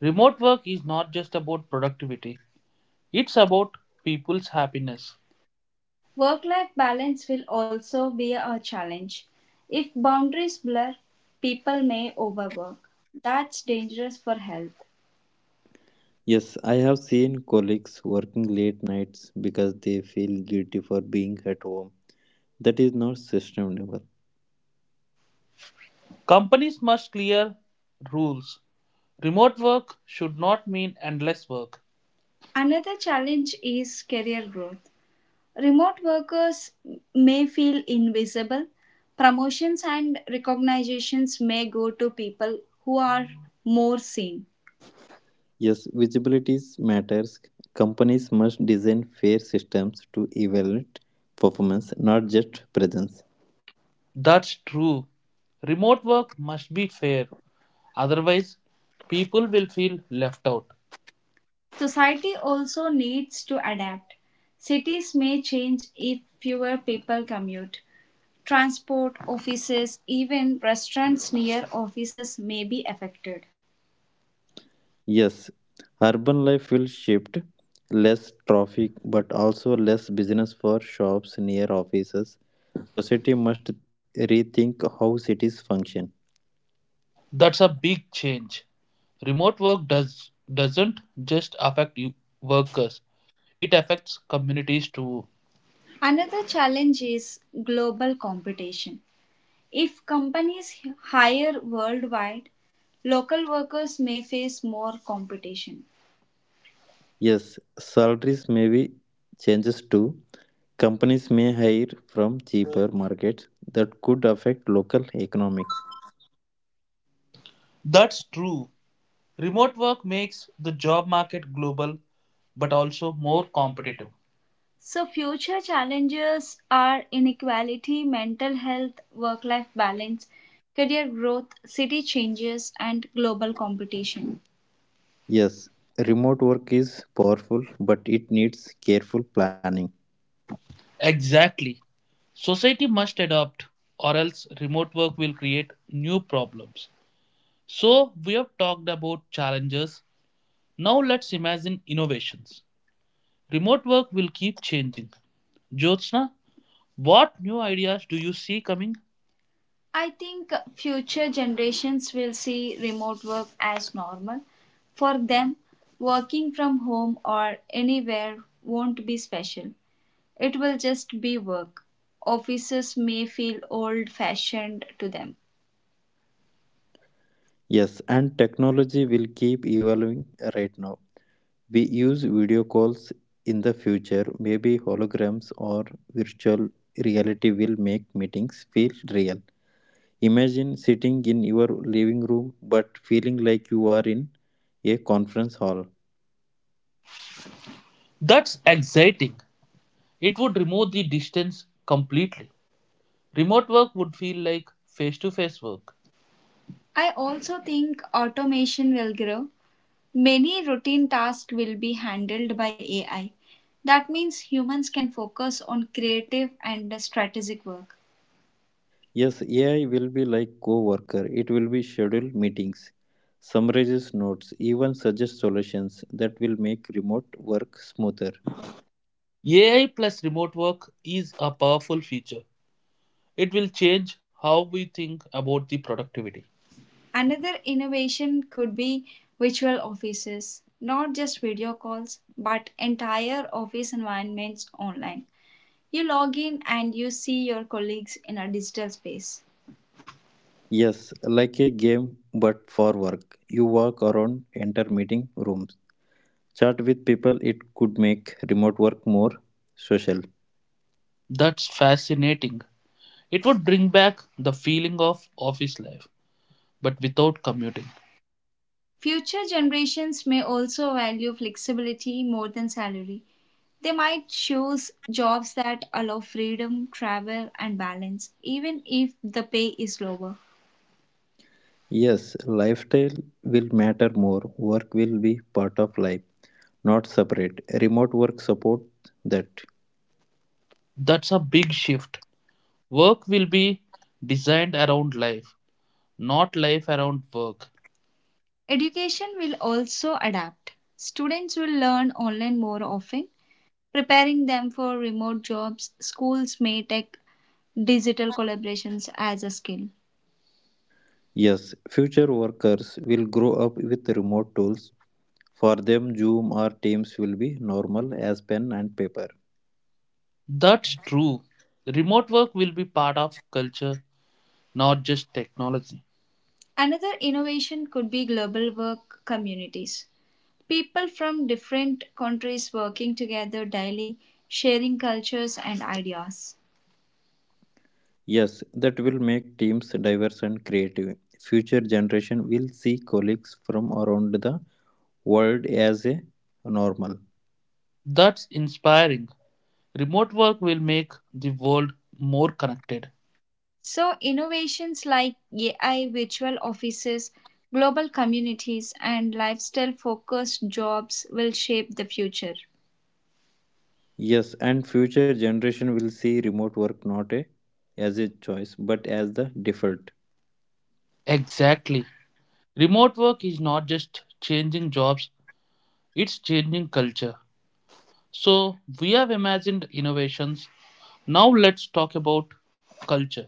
Speaker 1: Remote work is not just about productivity, it's about people's happiness. Work life balance will also be a challenge. If boundaries blur, people may overwork. That's dangerous for health.
Speaker 2: Yes, I have seen colleagues working late nights because they feel guilty for being at home. That is not sustainable.
Speaker 1: Companies must clear rules. Remote work should not mean endless work. Another challenge is career growth. Remote workers may feel invisible. Promotions and recognitions may go to people who are more seen.
Speaker 2: Yes, visibility matters. Companies must design fair systems to evaluate performance, not just presence.
Speaker 1: That's true. Remote work must be fair, otherwise, people will feel left out. Society also needs to adapt. Cities may change if fewer people commute. Transport, offices, even restaurants near offices may be affected.
Speaker 2: Yes, urban life will shift less traffic but also less business for shops near offices. Society must rethink how cities function.
Speaker 1: That's a big change. Remote work does doesn't just affect you- workers; it affects communities too. Another challenge is global competition. If companies hire worldwide, local workers may face more competition.
Speaker 2: Yes, salaries may be changes too. Companies may hire from cheaper markets that could affect local economics.
Speaker 1: That's true. Remote work makes the job market global but also more competitive. So, future challenges are inequality, mental health, work life balance, career growth, city changes, and global competition.
Speaker 2: Yes, remote work is powerful, but it needs careful planning.
Speaker 1: Exactly. Society must adopt, or else remote work will create new problems. So, we have talked about challenges. Now, let's imagine innovations. Remote work will keep changing. Jyotsna, what new ideas do you see coming? I think future generations will see remote work as normal. For them, working from home or anywhere won't be special. It will just be work. Offices may feel old fashioned to them.
Speaker 2: Yes, and technology will keep evolving right now. We use video calls in the future, maybe holograms or virtual reality will make meetings feel real. Imagine sitting in your living room but feeling like you are in a conference hall.
Speaker 1: That's exciting. It would remove the distance completely. Remote work would feel like face to face work. I also think automation will grow. Many routine tasks will be handled by A I. That means humans can focus on creative and strategic work.
Speaker 2: Yes, A I will be like co worker, it will be scheduled meetings, summarizes notes, even suggests solutions that will make remote work smoother.
Speaker 1: A I plus remote work is a powerful feature. It will change how we think about the productivity. Another innovation could be virtual offices, not just video calls, but entire office environments online. You log in and you see your colleagues in a digital space.
Speaker 2: Yes, like a game but for work. You walk around, enter meeting rooms, chat with people, it could make remote work more social.
Speaker 1: That's fascinating. It would bring back the feeling of office life, but without commuting. Future generations may also value flexibility more than salary. They might choose jobs that allow freedom, travel, and balance, even if the pay is lower.
Speaker 2: Yes, lifestyle will matter more, work will be part of life, not separate. Remote work supports that.
Speaker 1: That's a big shift. Work will be designed around life, not life around work. Education will also adapt. Students will learn online more often, preparing them for remote jobs. Schools may take digital collaborations as a skill.
Speaker 2: Yes, future workers will grow up with remote tools. For them, Zoom or Teams will be normal as pen and paper.
Speaker 1: That's true. Remote work will be part of culture, not just technology. Another innovation could be global work communities. People from different countries working together daily, sharing cultures and ideas.
Speaker 2: Yes, that will make teams diverse and creative. Future generation will see colleagues from around the world as a normal.
Speaker 1: That's inspiring. Remote work will make the world more connected. So, innovations like A I virtual offices, global communities, and lifestyle focused jobs will shape the future.
Speaker 2: Yes, and future generation will see remote work not a as a choice but as the default.
Speaker 1: Exactly. Remote work is not just changing jobs, it's changing culture. So, we have imagined innovations. Now, let's talk about culture.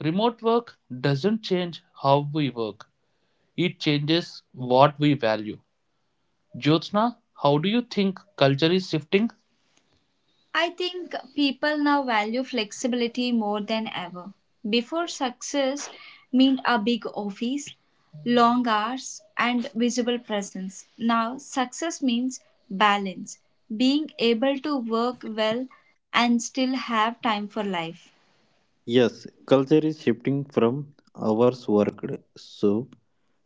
Speaker 1: Remote work doesn't change how we work, it changes what we value. Jyotsna, how do you think culture is shifting? I think people now value flexibility more than ever. Before, success meant a big office, long hours, and visible presence. Now, success means balance, being able to work well and still have time for life.
Speaker 2: Yes, culture is shifting from hours worked, so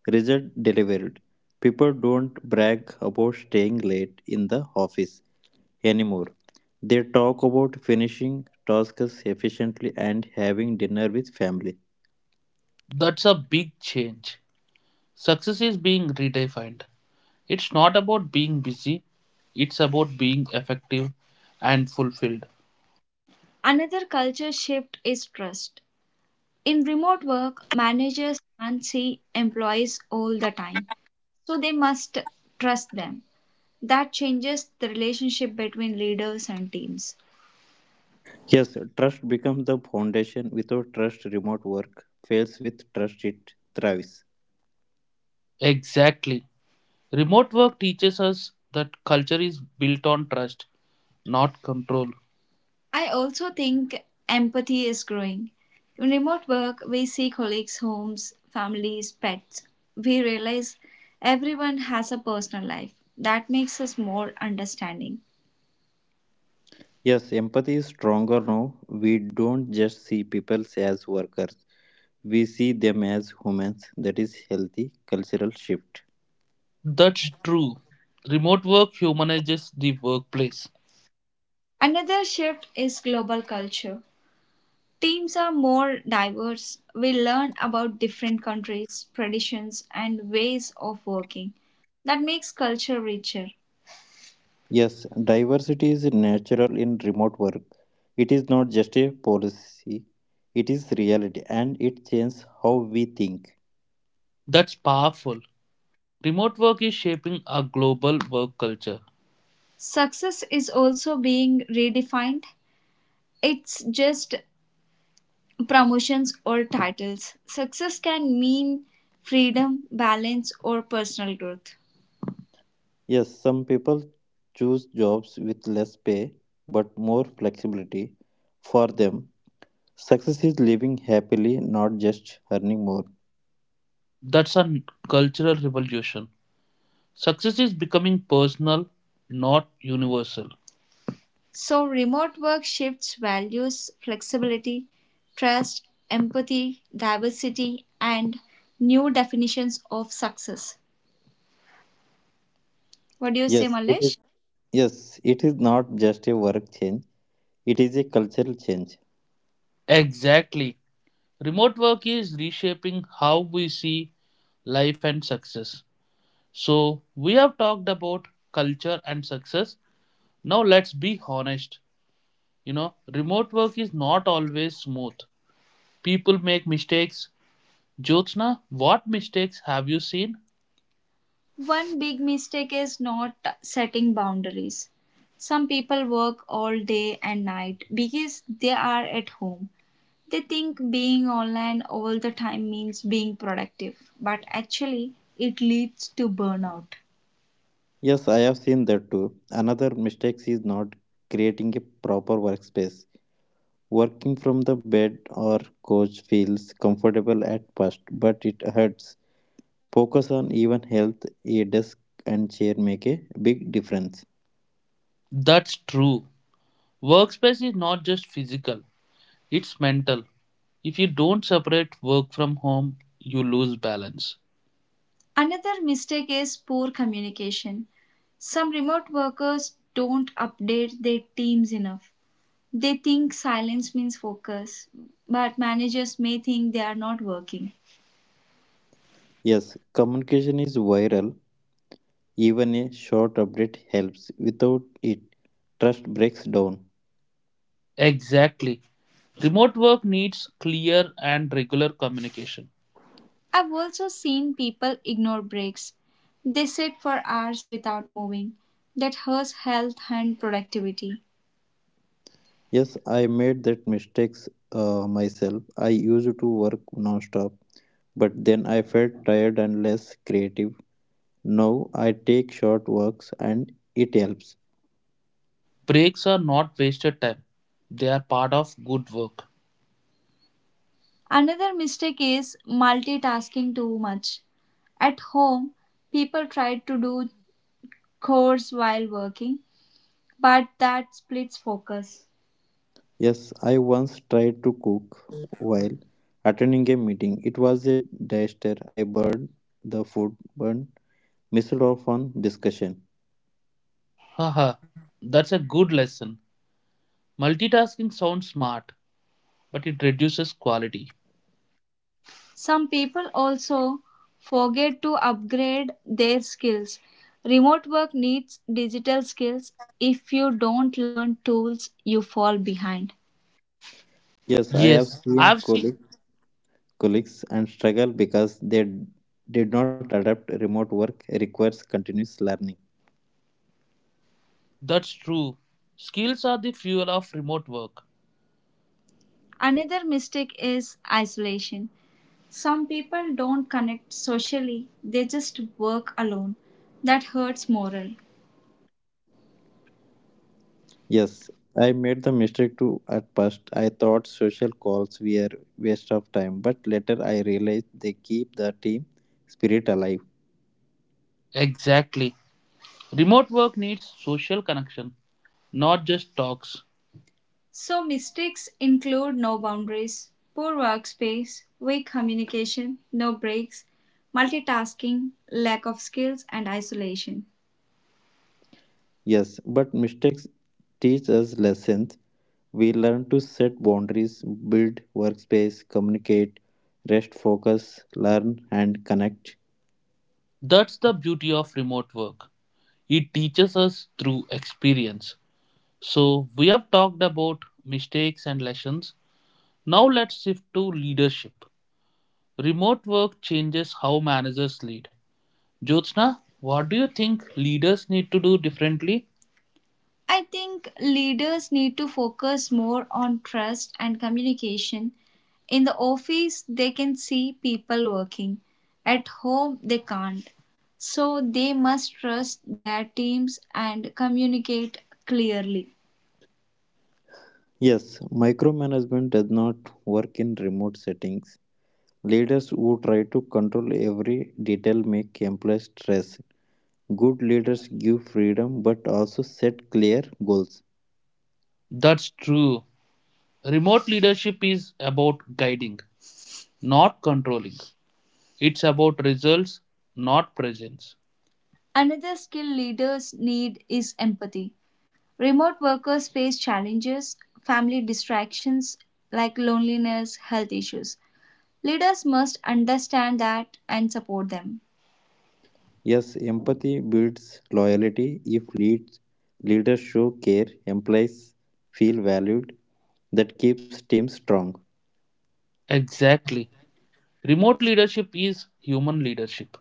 Speaker 2: result delivered. People don't brag about staying late in the office anymore. They talk about finishing tasks efficiently and having dinner with family.
Speaker 1: That's a big change. Success is being redefined. It's not about being busy, it's about being effective and fulfilled. Another culture shift is trust. In remote work, managers can't see employees all the time, so they must trust them. That changes the relationship between leaders and teams.
Speaker 3: Yes, trust becomes the foundation. Without trust, remote work fails. With trust, it thrives.
Speaker 1: Exactly. Remote work teaches us that culture is built on trust, not control. I also think empathy is growing. In remote work, we see colleagues' homes, families, pets. We realize everyone has a personal life. That makes us more understanding.
Speaker 3: Yes, empathy is stronger now. We don't just see people as workers, we see them as humans. That is healthy cultural shift.
Speaker 1: That's true. Remote work humanizes the workplace. Another shift is global culture. Teams are more diverse. We learn about different countries, traditions, and ways of working. That makes culture richer.
Speaker 3: Yes, diversity is natural in remote work. It is not just a policy, it is reality and it changes how we think.
Speaker 1: That's powerful. Remote work is shaping a global work culture. Success is also being redefined. It's just promotions or titles. Success can mean freedom, balance, or personal growth.
Speaker 3: Yes, some people choose jobs with less pay but more flexibility. For them, success is living happily, not just earning more.
Speaker 1: That's a cultural revolution. Success is becoming personal, not universal. So, remote work shifts values, flexibility, trust, empathy, diversity, and new definitions of success. What do you say,
Speaker 3: Yes, it is.
Speaker 1: Malesh?
Speaker 3: Yes, it is not just a work change, it is a cultural change.
Speaker 1: Exactly. Remote work is reshaping how we see life and success. So we have talked about culture and success. Now let's be honest. You know, remote work is not always smooth. People make mistakes. Jyotsna, what mistakes have you seen? One big mistake is not setting boundaries. Some people work all day and night because they are at home. They think being online all the time means being productive, but actually, it leads to burnout.
Speaker 3: Yes, I have seen that too. Another mistake is not creating a proper workspace. Working from the bed or couch feels comfortable at first, but it hurts focus on even health, a desk and chair make a big difference.
Speaker 1: That's true. Workspace is not just physical, it's mental. If you don't separate work from home, you lose balance. Another mistake is poor communication. Some remote workers don't update their teams enough. They think silence means focus, but managers may think they are not working.
Speaker 3: Yes, communication is viral. Even a short update helps. Without it, trust breaks down.
Speaker 1: Exactly. Remote work needs clear and regular communication. I've also seen people ignore breaks. They sit for hours without moving. That hurts health and productivity.
Speaker 3: Yes, I made that mistakes uh, myself. I used to work non-stop, but then I felt tired and less creative. Now I take short walks and it helps.
Speaker 1: Breaks are not wasted time, they are part of good work. Another mistake is multitasking too much. At home, people try to do chores while working, but that splits focus.
Speaker 3: Yes, I once tried to cook while attending a meeting. It was a disaster. I burned the food, burned, missed off on discussion.
Speaker 1: Haha, that's a good lesson. Multitasking sounds smart, but it reduces quality. Some people also forget to upgrade their skills. Remote work needs digital skills. If you don't learn tools, you fall behind.
Speaker 3: Yes, I have
Speaker 1: Yes,
Speaker 3: seen
Speaker 1: I've seen
Speaker 3: colleague, colleagues and struggle because they d- did not adapt. Remote work requires continuous learning.
Speaker 1: that's true. Skills are the fuel of remote work. Another mistake is isolation. Some people don't connect socially, they just work alone. That hurts morale.
Speaker 3: Yes, I made the mistake too at first. I thought social calls were waste of time, but later I realized they keep the team spirit alive.
Speaker 1: Exactly. Remote work needs social connection, not just talks. So mistakes include no boundaries, poor workspace, weak communication, no breaks, multitasking, lack of skills, and isolation.
Speaker 3: Yes, but mistakes teach us lessons. We learn to set boundaries, build workspace, communicate, rest, focus, learn, and connect.
Speaker 1: That's the beauty of remote work. It teaches us through experience. So, we have talked about mistakes and lessons. Now, let's shift to leadership. Remote work changes how managers lead. Jyotsna, what do you think leaders need to do differently? I think leaders need to focus more on trust and communication. In the office, they can see people working. At home, they can't. So they must trust their teams and communicate clearly.
Speaker 3: Yes, micromanagement does not work in remote settings. Leaders who try to control every detail make employees stressed. Good leaders give freedom but also set clear goals.
Speaker 1: That's true. Remote leadership is about guiding, not controlling. It's about results, not presence. Another skill leaders need is empathy. Remote workers face challenges, family distractions like loneliness, health issues. Leaders must understand that and support them.
Speaker 3: Yes, empathy builds loyalty. If leads, leaders show care, employees feel valued. That keeps teams strong.
Speaker 1: Exactly. Remote leadership is human leadership.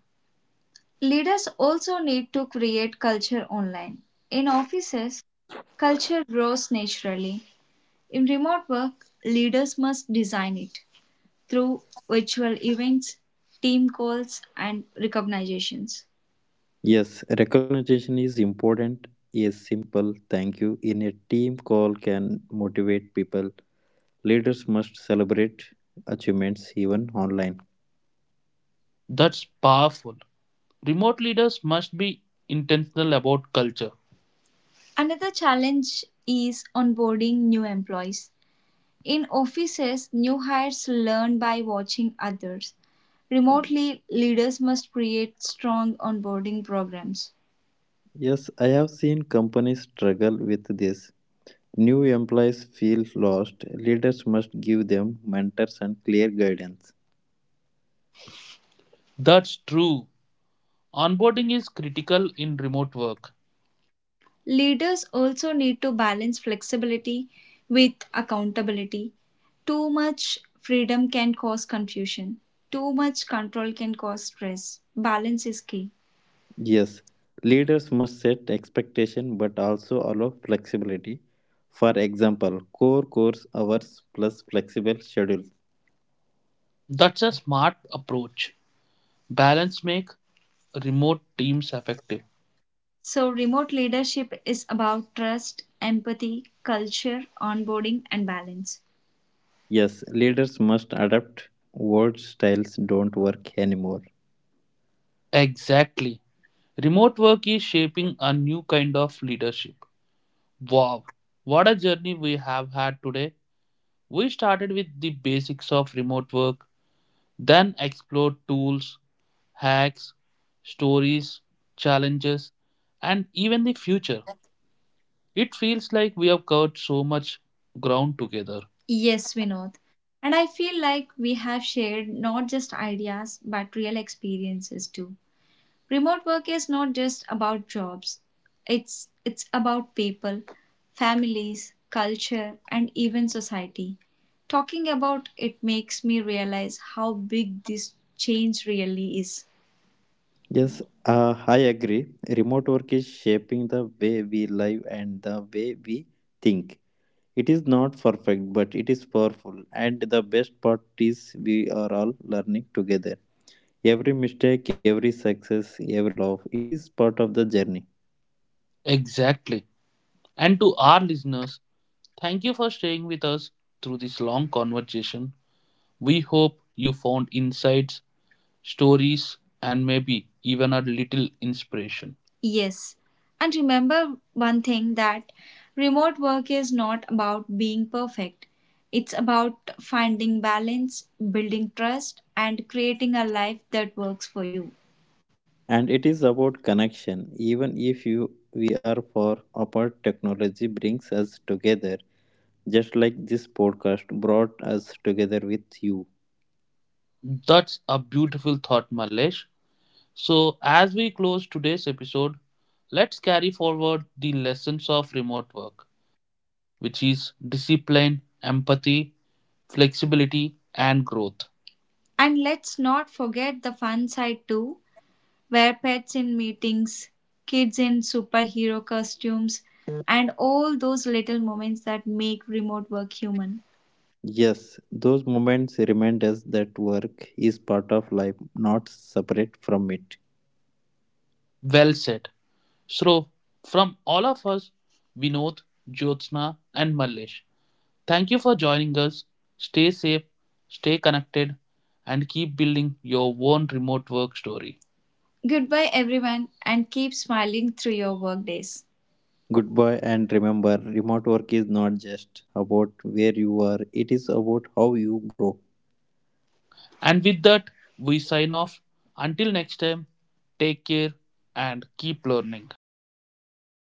Speaker 1: Leaders also need to create culture online. In offices, culture grows naturally. In remote work, leaders must design it through virtual events, team calls, and recognitions.
Speaker 3: Yes, recognition is important. A simple thank you in a team call can motivate people. Leaders must celebrate achievements even online.
Speaker 1: That's powerful. Remote leaders must be intentional about culture. Another challenge is onboarding new employees. In offices, new hires learn by watching others. Remotely, leaders must create strong onboarding programs.
Speaker 3: Yes, I have seen companies struggle with this. New employees feel lost. Leaders must give them mentors and clear guidance.
Speaker 1: That's true. Onboarding is critical in remote work. Leaders also need to balance flexibility with accountability. Too much freedom can cause confusion, too much control can cause stress. Balance is key.
Speaker 3: Yes, leaders must set expectation but also allow flexibility. For example, core course hours plus flexible schedule.
Speaker 1: That's a smart approach. Balance make remote teams effective. So, remote leadership is about trust, empathy, culture, onboarding, and balance.
Speaker 3: Yes, leaders must adapt. Work styles don't work anymore.
Speaker 1: Exactly. Remote work is shaping a new kind of leadership. Wow, what a journey we have had today. We started with the basics of remote work, then explored tools, hacks, stories, challenges, and even the future. It feels like we have covered so much ground together. Yes, Vinod. And I feel like we have shared not just ideas but real experiences too. Remote work is not just about jobs. It's it's about people, families, culture and even society. Talking about it makes me realize how big this change really is.
Speaker 3: Yes, uh, I agree. Remote work is shaping the way we live and the way we think. It is not perfect, but it is powerful. And the best part is we are all learning together. Every mistake, every success, every love, it is part of the journey.
Speaker 1: Exactly. And to our listeners, thank you for staying with us through this long conversation. We hope you found insights stories, and maybe even a little inspiration. Yes. And remember one thing that remote work is not about being perfect. It's about finding balance, building trust, and creating a life that works for you.
Speaker 3: And it is about connection. Even if you we are far apart, technology brings us together, just like this podcast brought us together with you.
Speaker 1: That's a beautiful thought, Malesh. So, as we close today's episode, let's carry forward the lessons of remote work, which is discipline, empathy, flexibility, and growth. And let's not forget the fun side too, where pets in meetings, kids in superhero costumes, and all those little moments that make remote work human.
Speaker 3: Yes, those moments remind us that work is part of life, not separate from it.
Speaker 1: Well said. So, from all of us, Vinod, Jyotsna, and Mallesh, thank you for joining us. Stay safe, stay connected, and keep building your own remote work story. Goodbye, everyone, and keep smiling through your work days.
Speaker 3: Goodbye, and remember, remote work is not just about where you are, it is about how you grow.
Speaker 1: And with that, we sign off. Until next time, take care and keep learning.